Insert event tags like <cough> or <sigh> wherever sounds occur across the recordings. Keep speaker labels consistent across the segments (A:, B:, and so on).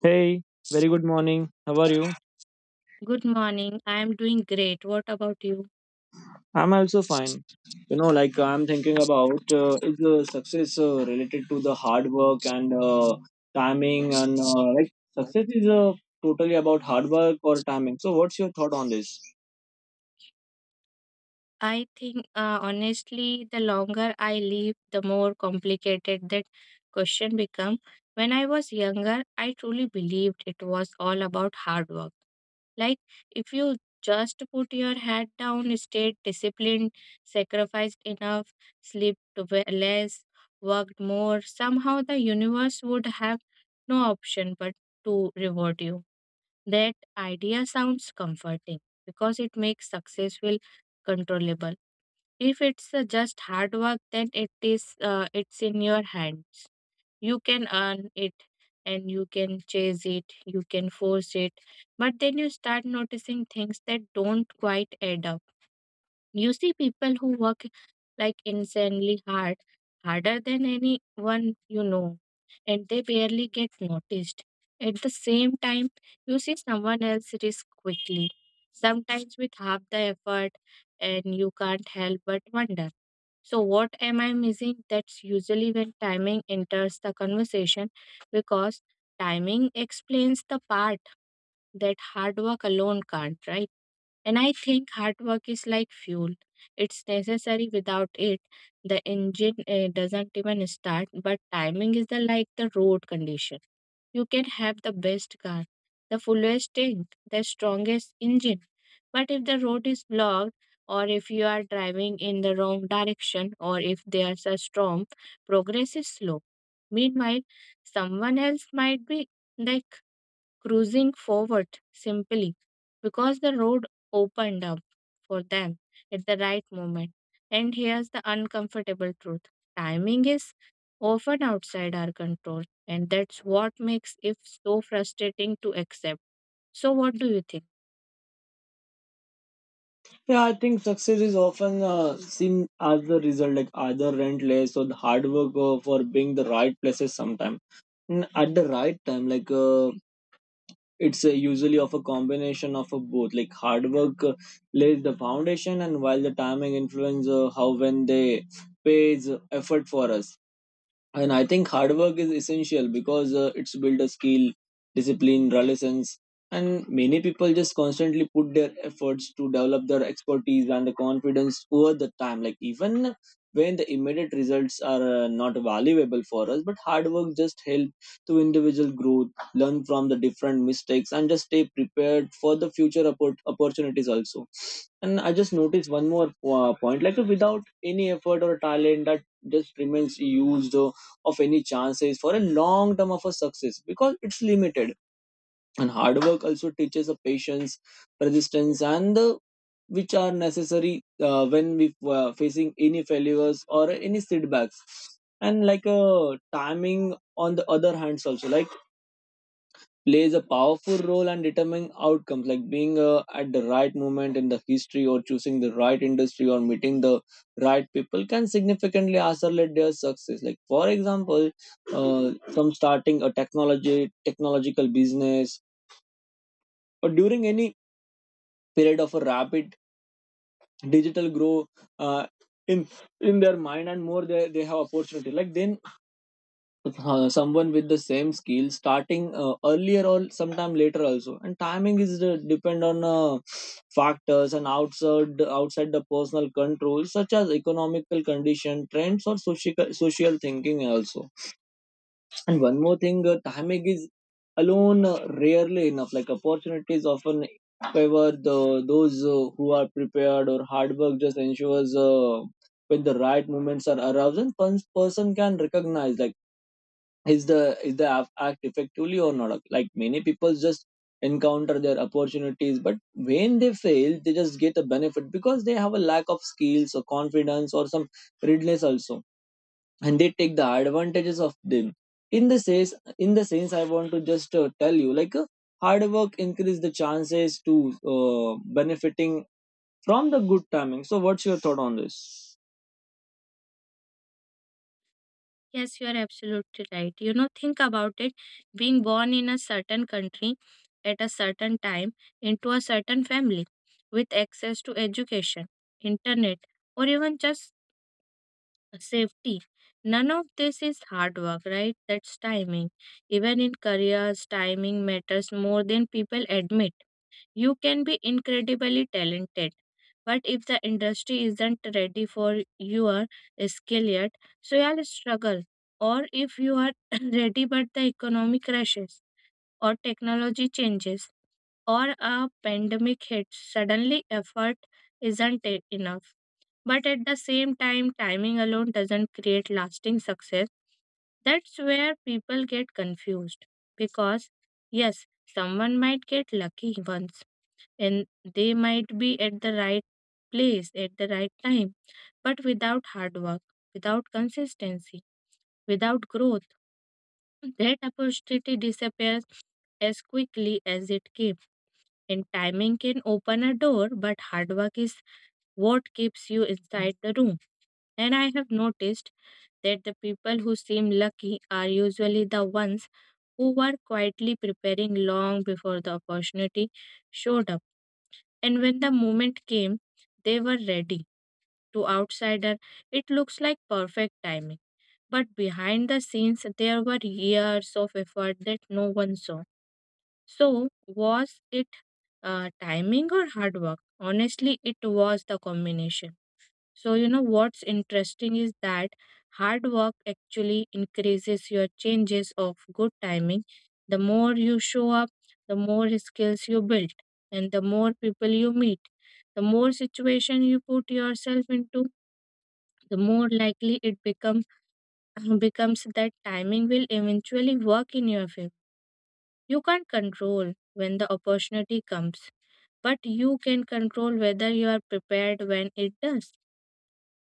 A: Hey, very good morning. How are you?
B: Good morning. I am doing great. What about you?
A: I'm also fine. Like I'm thinking about is success related to the hard work and timing and like success is totally about hard work or timing. So, what's your thought on this?
B: I think, honestly, the longer I live, the more complicated that question become. When I was younger, I truly believed it was all about hard work. Like, if you just put your head down, stayed disciplined, sacrificed enough, slept less, worked more, somehow the universe would have no option but to reward you. That idea sounds comforting because it makes success feel controllable. If it's just hard work, then it's in your hands. You can earn it and you can chase it, you can force it, but then you start noticing things that don't quite add up. You see people who work like insanely hard, harder than anyone you know, and they barely get noticed. At the same time, you see someone else risk quickly, sometimes with half the effort, and you can't help but wonder. So, what am I missing? That's usually when timing enters the conversation because timing explains the part that hard work alone can't, right? And I think hard work is like fuel. It's necessary without it, the engine doesn't even start. But timing is the like the road condition. You can have the best car, the fullest tank, the strongest engine. But if the road is blocked, or if you are driving in the wrong direction, or if there's a storm, progress is slow. Meanwhile, someone else might be like cruising forward simply because the road opened up for them at the right moment. And here's the uncomfortable truth timing is often outside our control, and that's what makes it so frustrating to accept. So, what do you think?
A: Yeah, I think success is often seen as the result, like either relentless or the hard work for being the right places sometime. And at the right time, it's usually of a combination of a both like hard work lays the foundation and while the timing influences how when they pays effort for us, and I think hard work is essential because it's built a skill discipline resilience, and many people just constantly put their efforts to develop their expertise and the confidence over the time like even when the immediate results are not valuable for us, but hard work just help to individual growth, learn from the different mistakes and just stay prepared for the future opportunities also. And I just noticed one more point, like without any effort or talent that just remains used of any chances for a long term of a success because it's limited. And hard work also teaches a patience, persistence and the which are necessary when we facing any failures or any setbacks. And timing on the other hands also like plays a powerful role in determining outcomes, like being at the right moment in the history or choosing the right industry or meeting the right people can significantly accelerate their success, like for example, uh, some starting a technology technological business or during any period of a rapid digital growth uh, in their mind, and more they have opportunity, like then someone with the same skill starting earlier or sometime later also. And timing is the, depend on factors and outside the personal control, such as economical condition trends or social thinking also. And one more thing, timing is alone rarely enough, like opportunities often favor the those who are prepared, or hard work just ensures when the right moments are aroused and person can recognize like act effectively or not. Like many people just encounter their opportunities, but when they fail they just get a benefit because they have a lack of skills or confidence or some readiness also, and they take the advantages of them. In the sense I want to just tell you hard work increase the chances to benefiting from the good timing. So what's your thought on this?
B: Yes, you are absolutely right. You know, think about it being born in a certain country at a certain time into a certain family with access to education, internet, or even just safety. None of this is hard work, right? That's timing. Even in careers, timing matters more than people admit. You can be incredibly talented, but if the industry isn't ready for your skill yet, so you'll struggle. Or if you are <clears throat> ready but the economy crashes or technology changes or a pandemic hits, suddenly effort isn't enough. But at the same time, timing alone doesn't create lasting success. That's where people get confused because, yes, someone might get lucky once and they might be at the right place at the right time, but without hard work, without consistency, without growth, that opportunity disappears as quickly as it came. And timing can open a door, but hard work is what keeps you inside the room. And I have noticed that the people who seem lucky are usually the ones who were quietly preparing long before the opportunity showed up. And when the moment came, they were ready. To outsider, it looks like perfect timing. But behind the scenes, there were years of effort that no one saw. So, was it timing or hard work? Honestly, it was the combination. So, you know what's interesting is that hard work actually increases your changes of good timing. The more you show up, the more skills you build, and the more people you meet. The more situation you put yourself into, the more likely it become, <clears throat> becomes that timing will eventually work in your favor. You can't control when the opportunity comes, but you can control whether you are prepared when it does.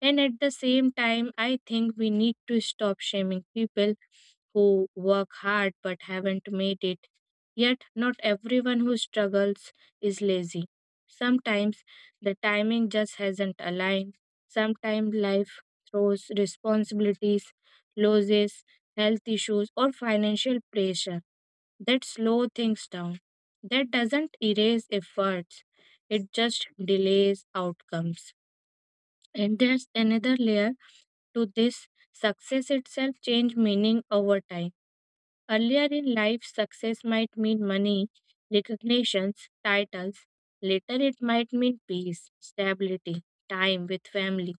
B: And at the same time, I think we need to stop shaming people who work hard but haven't made it. Yet, not everyone who struggles is lazy. Sometimes the timing just hasn't aligned. Sometimes life throws responsibilities, losses, health issues, or financial pressure that slow things down. That doesn't erase efforts, it just delays outcomes. And there's another layer to this success itself change meaning over time. Earlier in life, success might mean money, recognitions, titles. Later, it might mean peace, stability, time with family,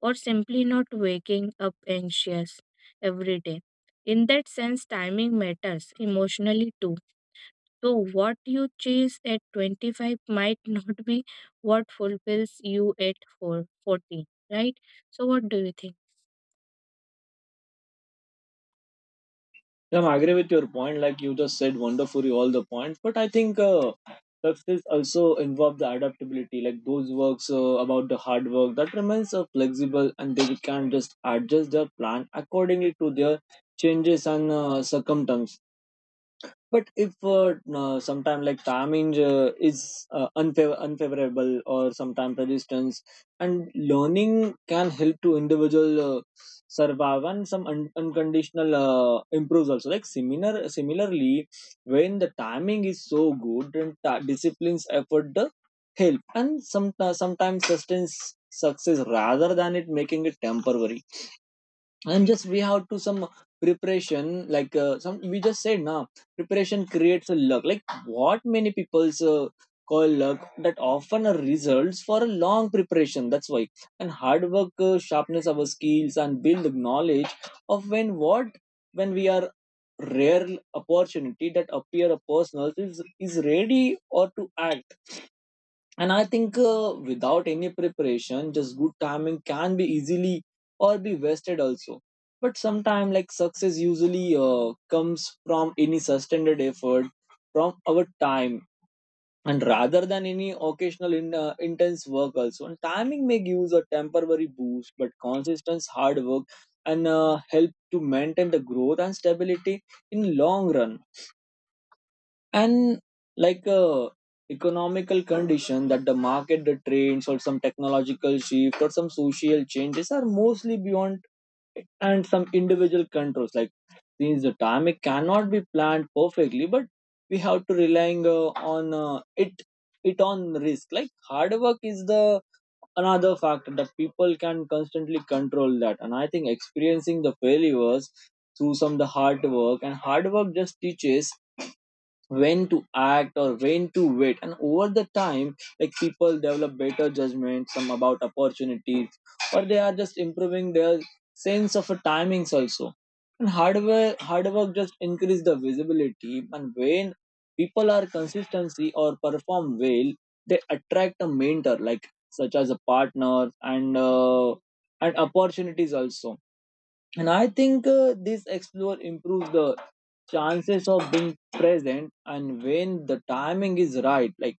B: or simply not waking up anxious every day. In that sense, timing matters emotionally too. So, what you chase at 25 might not be what fulfills you at four, 40, right? So, what do you think?
A: Yeah, I agree with your point. Like you just said, wonderfully all the points. But I think success also involves the adaptability. Like those works about the hard work that remains flexible, and they can just adjust their plan accordingly to their changes and circumstances. But if sometime like timing is unfavorable or sometime resistance, and learning can help to individual survive and some unconditional improves also. Like similarly, when the timing is so good, then disciplines effort the help and some sometimes sustains success rather than it making it temporary. And just we have to some preparation, some we just said now preparation creates a luck, like what many people's call luck that often are results for a long preparation, that's why. And hard work sharpness our skills and build knowledge of when what when we are rare opportunity that appear a person is ready or to act. And I think without any preparation just good timing can be easily or be wasted also. But sometimes like success usually comes from any sustained effort from our time and rather than any occasional intense work also. And timing may give us a temporary boost, but consistent hard work and help to maintain the growth and stability in long run. And like a economical condition that the market, the trends or some technological shift or some social changes are mostly beyond and some individual controls, like since the time it cannot be planned perfectly, but we have to relying on it on risk. Like hard work is the another factor that people can constantly control that. And I think experiencing the failures through some the hard work, and hard work just teaches when to act or when to wait. And over the time, like people develop better judgment some about opportunities, or they are just improving their sense of a timings also. And hard work just increase the visibility, and when people are consistency or perform well, they attract a mentor like such as a partner and opportunities also. And I think this explore improves the chances of being present and when the timing is right, like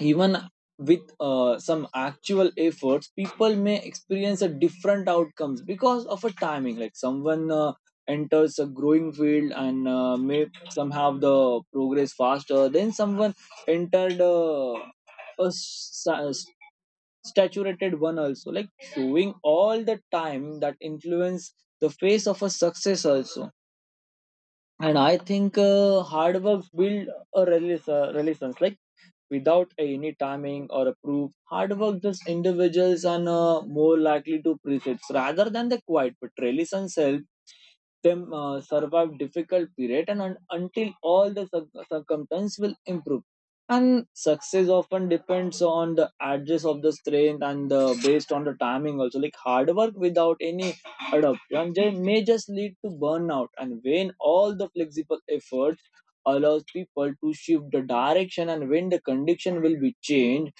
A: even with some actual efforts people may experience a different outcomes because of a timing, like someone enters a growing field and may somehow the progress faster then someone entered a s- s- saturated one also, like showing all the time that influence the face of a success also. And I think hard work build a release relations, like without any timing or a proof, hard work just individuals are more likely to presets rather than the quiet, but relations help them survive difficult period and until all the circumstance will improve. And success often depends on the address of the strength and the based on the timing also, like hard work without any adoption they may just lead to burnout, and when all the flexible efforts allows people to shift the direction and when the condition will be changed,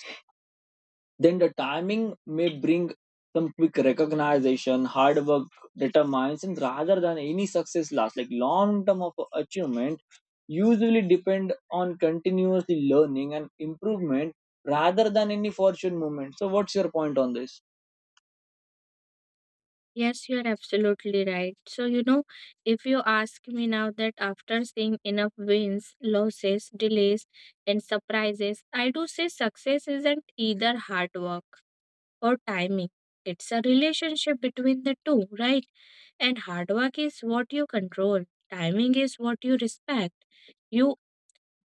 A: then the timing may bring some quick recognition, hard work determines, and rather than any success last, like long term of achievement usually depend on continuously learning and improvement rather than any fortune movement. So, what's your point on this?
B: Yes, you're absolutely right. So, you know, if you ask me now that after seeing enough wins, losses, delays, and surprises, I do say success isn't either hard work or timing. It's a relationship between the two, right? And hard work is what you control, timing is what you respect. You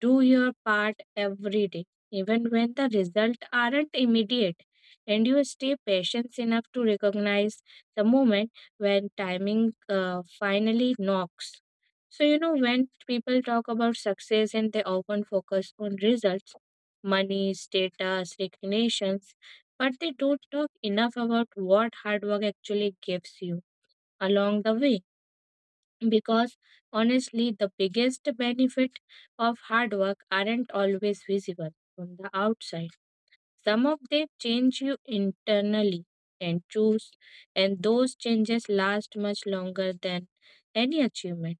B: do your part every day, even when the results aren't immediate, and you stay patient enough to recognize the moment when timing finally knocks. So, you know, when people talk about success and they often focus on results, money, status, recognitions, but they don't talk enough about what hard work actually gives you along the way because honestly the biggest benefit of hard work aren't always visible from the outside. Some of them change you internally and choose, and those changes last much longer than any achievement.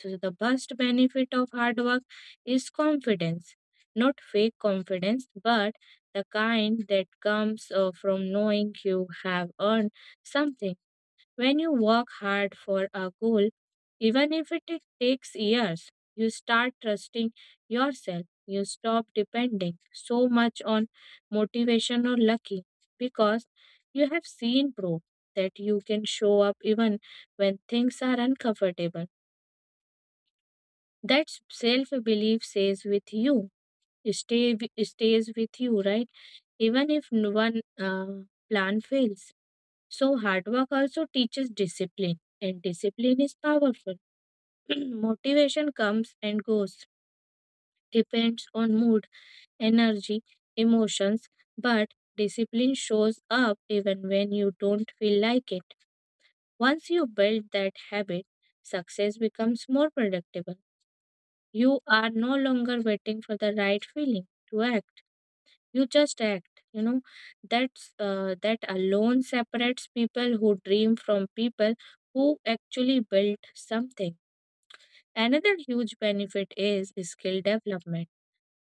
B: So the best benefit of hard work is confidence, not fake confidence but the kind that comes from knowing you have earned something. When you work hard for a goal, even if it takes years, you start trusting yourself. You stop depending so much on motivation or lucky because you have seen proof that you can show up even when things are uncomfortable. That self belief stays with you, right? Even if one plan fails. So, hard work also teaches discipline, and discipline is powerful. <clears throat> Motivation comes and goes, depends on mood, energy, emotions, but discipline shows up even when you don't feel like it. Once you build that habit, success becomes more predictable. You are no longer waiting for the right feeling to act. You just act, you know. That's that alone separates people who dream from people who actually built something. Another huge benefit is skill development.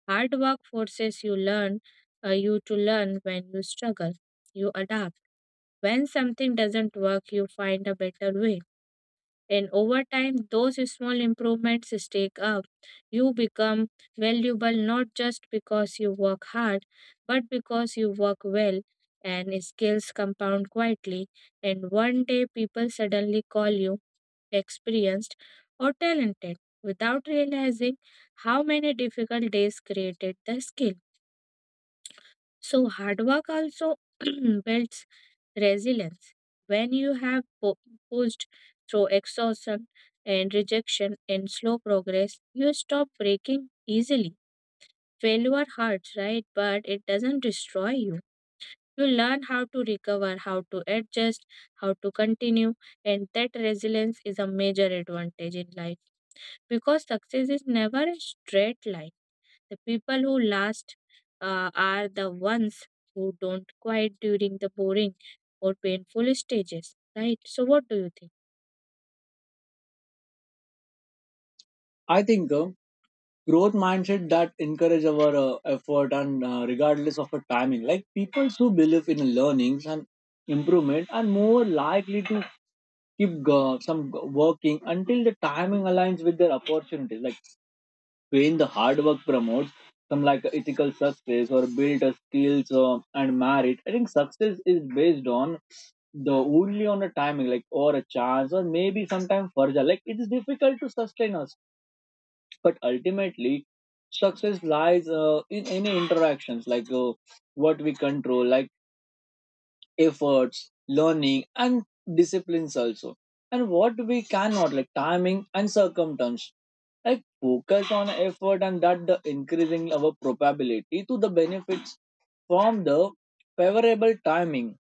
B: Hard work forces you to learn. When you struggle, you adapt. When something doesn't work, you find a better way, and over time, those small improvements stack up. You become valuable not just because you work hard, but because you work well, and skills compound quietly. And one day, people suddenly call you experienced or talented without realizing how many difficult days created the skill. So, hard work also <clears throat> builds resilience. When you have pushed through exhaustion and rejection and slow progress, you stop breaking easily. Failure hurts, right? But it doesn't destroy you. You learn how to recover, how to adjust, how to continue, and that resilience is a major advantage in life because success is never a straight line. The people who last are the ones who don't quit during the boring or painful stages, right? So, what do you think?
A: I think growth mindset that encourage our effort and regardless of a timing, like people who believe in learnings and improvement are more likely to keep go, some go- working until the timing aligns with their opportunities. Like when the hard work promotes some like ethical success or build a skills and merit. I think success is based on the only on a timing like or a chance or maybe sometimes further. Like it is difficult to sustain us, but ultimately success lies in any interactions what we control like efforts, learning, and disciplines also. And what we cannot, like timing and circumstance, like focus on effort and that the increasing our probability to the benefits from the favorable timing.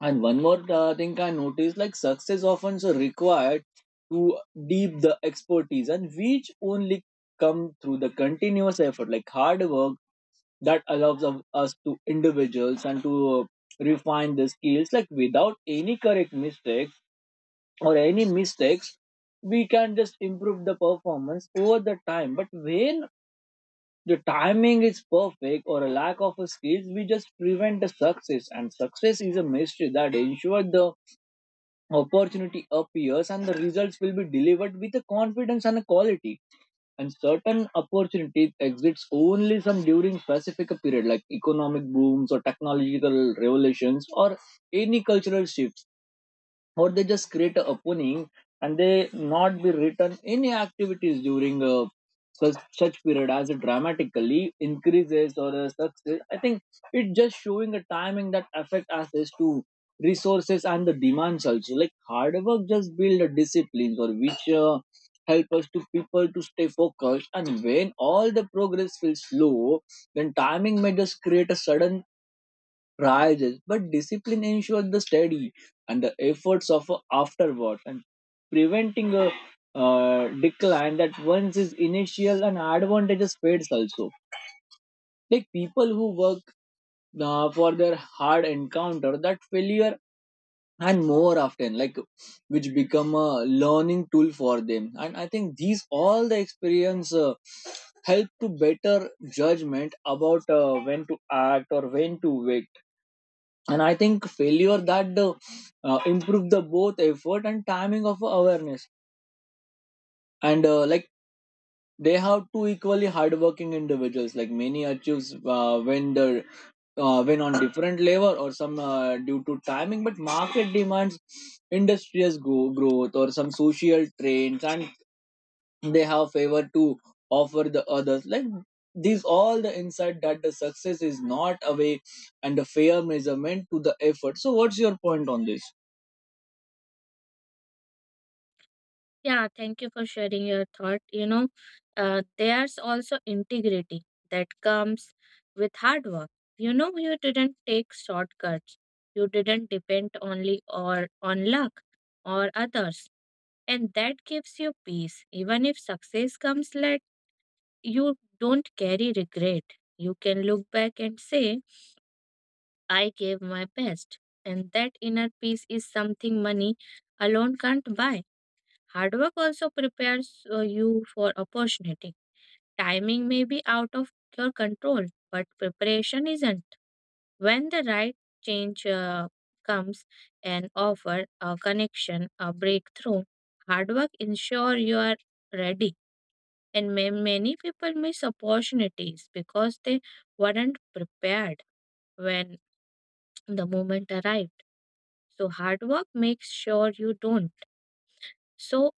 A: And one more thing I noticed, like success often so required to deep the expertise and which only come through the continuous effort, like hard work that allows us to individuals and to refine the skills, like without any correct mistakes or any mistakes we can just improve the performance over the time, but when the timing is perfect or a lack of a skills we just prevent the success. And success is a mystery that ensures the opportunity appears and the results will be delivered with a confidence and a quality. And certain opportunities exists only some during specific period like economic booms or technological revolutions or any cultural shifts, or they just create an opening and they not be written any activities during a such period as it dramatically increases or a success. I think it just showing a timing that affect access to resources and the demands also. Like hard work just build a disciplines or which help us to people to stay focused. And when all the progress feels slow, then timing may just create a sudden rises, but discipline ensures the study and the efforts of a afterward and preventing a decline that once is initial and advantages fades also. Like people who work for their hard encounter that failure and more often like which become a learning tool for them, and I think these all the experience help to better judgment about when to act or when to wait. And I think failure that improve the both effort and timing of awareness. And like they have two equally hardworking individuals like many achieves uh, when the when on different level or some due to timing but market demands industrious growth or some social trends, and they have favor to offer the others like these all the insight that the success is not away and the fair measurement to the effort. So what's your point on this?
B: Yeah, thank you for sharing your thought. You know, there's also integrity that comes with hard work. You know, you didn't take shortcuts. You didn't depend only or on luck or others, and that gives you peace, even if success comes late. You don't carry regret. You can look back and say, I gave my best. And that inner peace is something money alone can't buy. Hard work also prepares you for opportunity. Timing may be out of your control, but preparation isn't. When the right change comes an offer, a connection, a breakthrough, hard work ensure you are ready. And many people miss opportunities because they weren't prepared when the moment arrived. So, hard work makes sure you don't. So,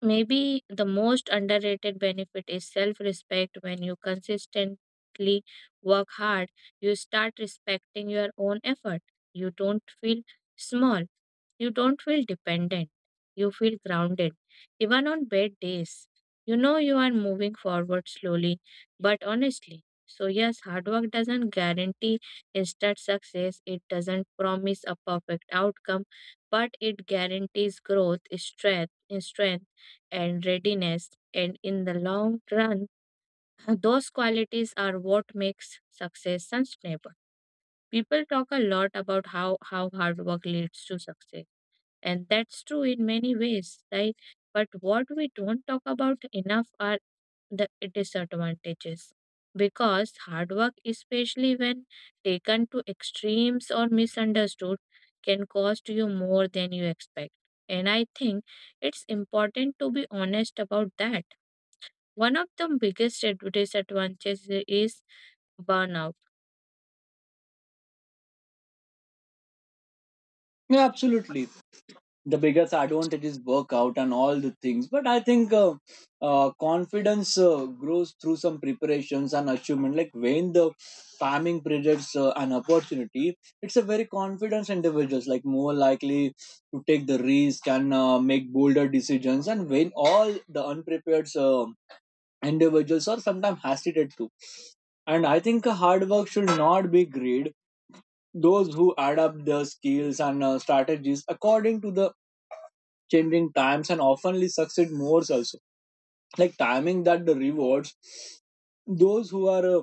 B: maybe the most underrated benefit is self respect. When you consistently work hard, you start respecting your own effort. You don't feel small, you don't feel dependent, you feel grounded. Even on bad days, you know you are moving forward slowly but honestly. So, yes, hard work doesn't guarantee instant success, it doesn't promise a perfect outcome, but it guarantees growth, strength and readiness. And in the long run, <laughs> those qualities are what makes success sustainable. People talk a lot about how hard work leads to success. And that's true in many ways, right? But what we don't talk about enough are the disadvantages. Because hard work, especially when taken to extremes or misunderstood, can cost you more than you expect. And I think it's important to be honest about that. One of the biggest disadvantages is burnout.
A: Yeah, absolutely. The biggest advantage is workout and all the things. But I think confidence grows through some preparations and achievement. Like when the farming presents an opportunity, it's a very confident individuals like more likely to take the risk and make bolder decisions. And when all the unprepared individuals are sometimes hesitate to. And I think hard work should not be greed. Those who adapt the skills and strategies according to the changing times and oftenly succeed more also, like timing that the rewards those who are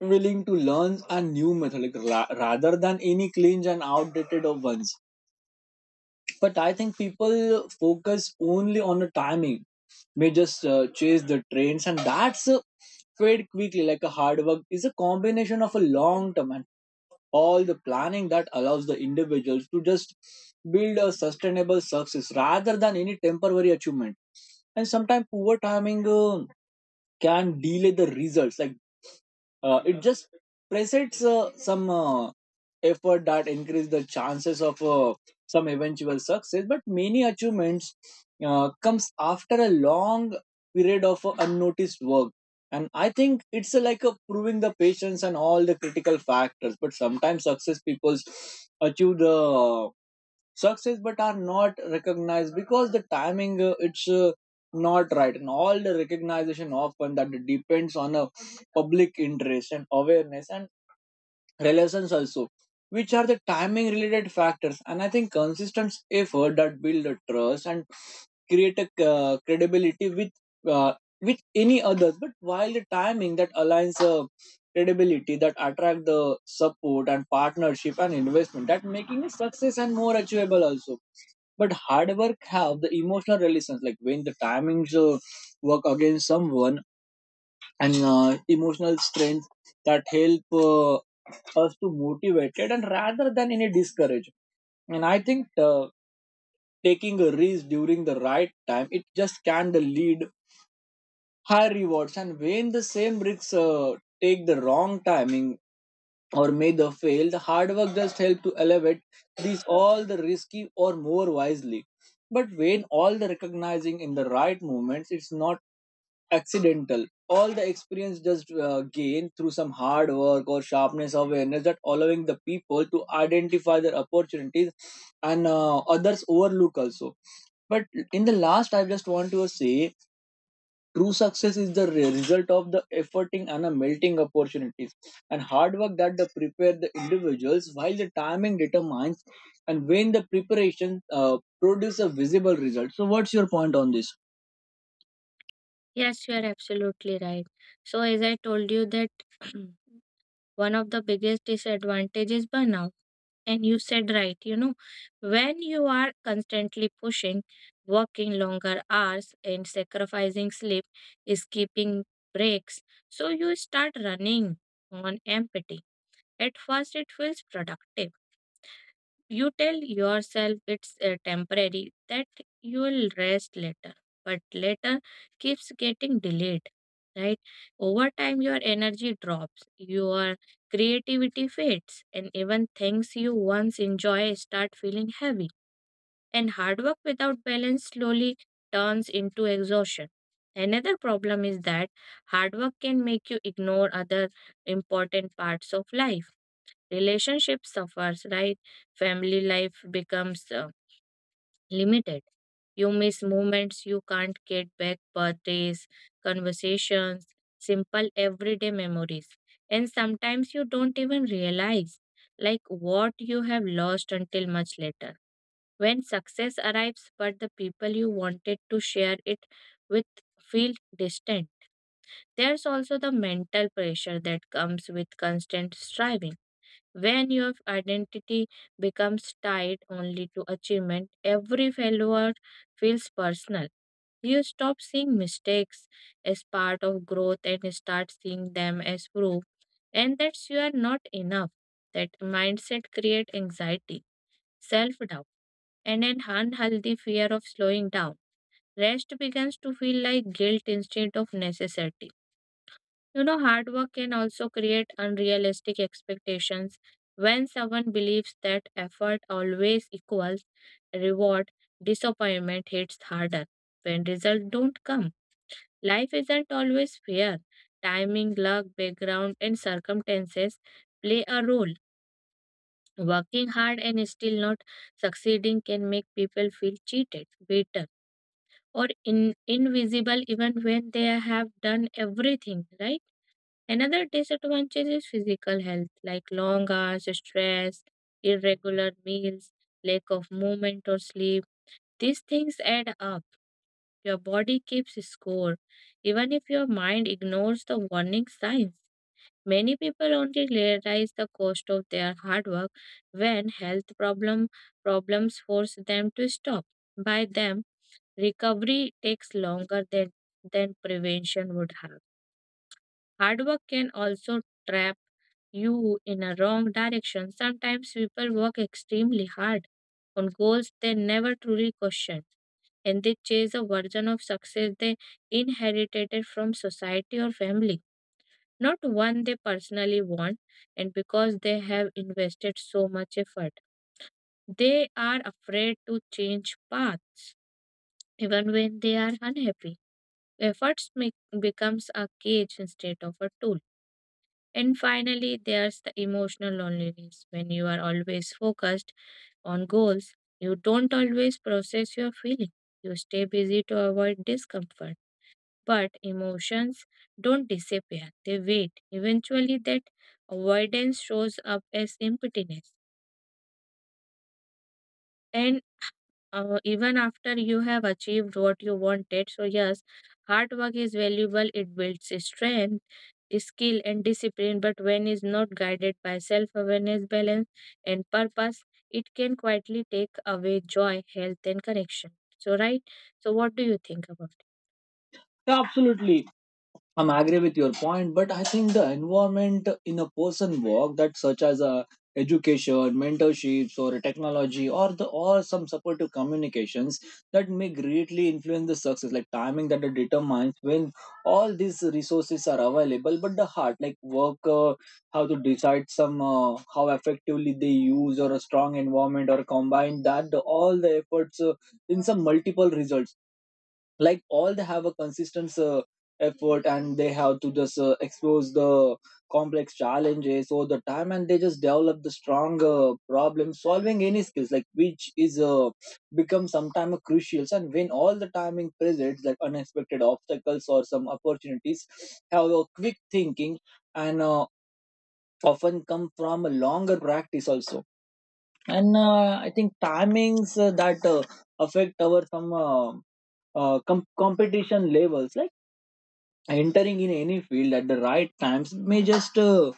A: willing to learn a new method, like, rather than any cringe and outdated of ones. But I think people focus only on the timing may just chase the trends, and that's fade quickly. Like a hard work is a combination of a long term and all the planning that allows the individuals to just build a sustainable success rather than any temporary achievement. And sometimes poor timing can delay the results, like it just presents some effort that increase the chances of some eventual success. But many achievements comes after a long period of unnoticed work. And I think it's like a proving the patience and all the critical factors. But sometimes success people achieve the success but are not recognized because the timing it's not right, and all the recognition often that depends on a public interest and awareness and relations also, which are the timing related factors. And I think consistent effort that build a trust and create a credibility uh, with any others. But while the timing that aligns credibility that attract the support and partnership and investment that making it success and more achievable also. But hard work have the emotional relations, like when the timings work against someone, and emotional strength that help us to motivated and rather than any discourage. And I think taking a risk during the right time it just can lead high rewards. And when the same risks take the wrong timing or may the fail, the hard work just help to elevate these all the risky or more wisely. But when all the recognizing in the right moments, it's not accidental. All the experience just gained through some hard work or sharpness awareness that allowing the people to identify their opportunities and others overlook also. But in the last, I just want to say true success is the result of the efforting and a melting opportunities, and hard work that the prepare the individuals while the timing determines and when the preparation produce a visible result. So, what's your point on this?
B: Yes, you are absolutely right. So, as I told you, that <clears throat> one of the biggest disadvantages is burnout, and you said right, you know, when you are constantly pushing, working longer hours, and sacrificing sleep, skipping breaks, so you start running on empty. At first, it feels productive. You tell yourself it's temporary, that you will rest later, but later keeps getting delayed, right? Over time, your energy drops, your creativity fades, and even things you once enjoy start feeling heavy. And hard work without balance slowly turns into exhaustion. Another problem is that hard work can make you ignore other important parts of life. Relationship suffers, right? Family life becomes limited. You miss moments you can't get back, birthdays, conversations, simple everyday memories, and sometimes you don't even realize like what you have lost until much later, when success arrives but the people you wanted to share it with feel distant. There's also the mental pressure that comes with constant striving. When your identity becomes tied only to achievement, every failure feels personal. You stop seeing mistakes as part of growth and start seeing them as proof, and that you are not enough. That mindset creates anxiety, self doubt, and an unhealthy fear of slowing down. Rest begins to feel like guilt instead of necessity. You know, hard work can also create unrealistic expectations. When someone believes that effort always equals reward, disappointment hits harder. When results don't come, life isn't always fair. Timing, luck, background, and circumstances play a role. Working hard and still not succeeding can make people feel cheated, bitter, or invisible even when they have done everything, right? Another disadvantage is physical health, like long hours, stress, irregular meals, lack of movement or sleep. These things add up. Your body keeps score, even if your mind ignores the warning signs. Many people only realize the cost of their hard work when health problems force them to stop. By them, recovery takes longer than prevention would have. Hard work can also trap you in a wrong direction. Sometimes people work extremely hard on goals they never truly question, and they chase a version of success they inherited from society or family, not one they personally want. And because they have invested so much effort, they are afraid to change path even when they are unhappy. Efforts make, becomes a cage instead of a tool. And finally, there's the emotional loneliness. When you are always focused on goals, you don't always process your feelings. You stay busy to avoid discomfort. But emotions don't disappear, they wait. Eventually, that avoidance shows up as impotence. And even after you have achieved what you wanted, so yes, hard work is valuable, it builds strength, skill, and discipline, but when is not guided by self awareness, balance, and purpose, it can quietly take away joy, health, and connection. So, right? So, what do you think about it?
A: Yeah, absolutely. I'm agree with your point, but I think the environment in a person work that such as a education, mentorships, or technology, or the or some supportive communications that may greatly influence the success, like timing that it determines when all these resources are available. But the heart, like work, how to decide some how effectively they use or a strong environment or combine that the, all the efforts in some multiple results, like all they have a consistent effort and they have to just expose the complex challenges all the time, and they just develop the strong problem solving any skills, like which is become sometime a crucial. And when all the timing presents like unexpected obstacles or some opportunities have a quick thinking, and often come from a longer practice also. And I think timings that affect our some competition levels, like entering in any field at the right times may just uh,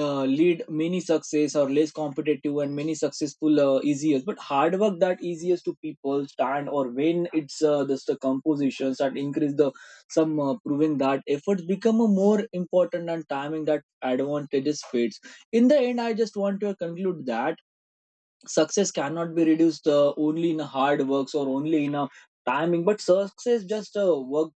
A: uh, lead many success or less competitive and many successful easiest. But hard work that easiest to people stand, or when it's just the compositions that increase the some proving that efforts become a more important and timing that advantages fades. In the end, I just want to conclude that success cannot be reduced only in hard works or only in a timing. But success just work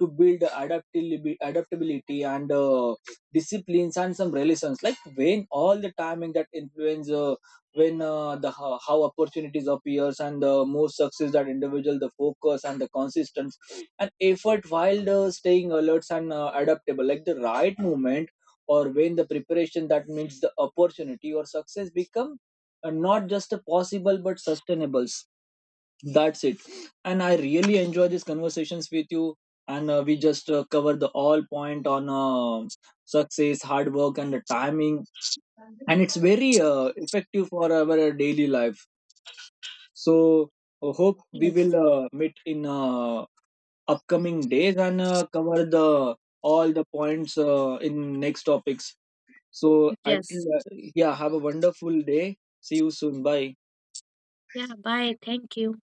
A: to build adaptability, and disciplines and some relations, like when all the timing that influence when the how opportunities appears and the more success that individual the focus and the consistency and effort while staying alert and adaptable, like the right moment or when the preparation that meets the opportunity or success become and not just a possible but sustainables. That's it. And I really enjoy these conversations with you. And we just cover the all point on success, hard work, and the timing, and it's very effective for our daily life. So hope we
B: Yeah.
A: will meet in upcoming days and cover the all the points in next topics. So at,
B: Yes.
A: yeah, have a wonderful day. See you soon. Bye.
B: Yeah. Bye. Thank you.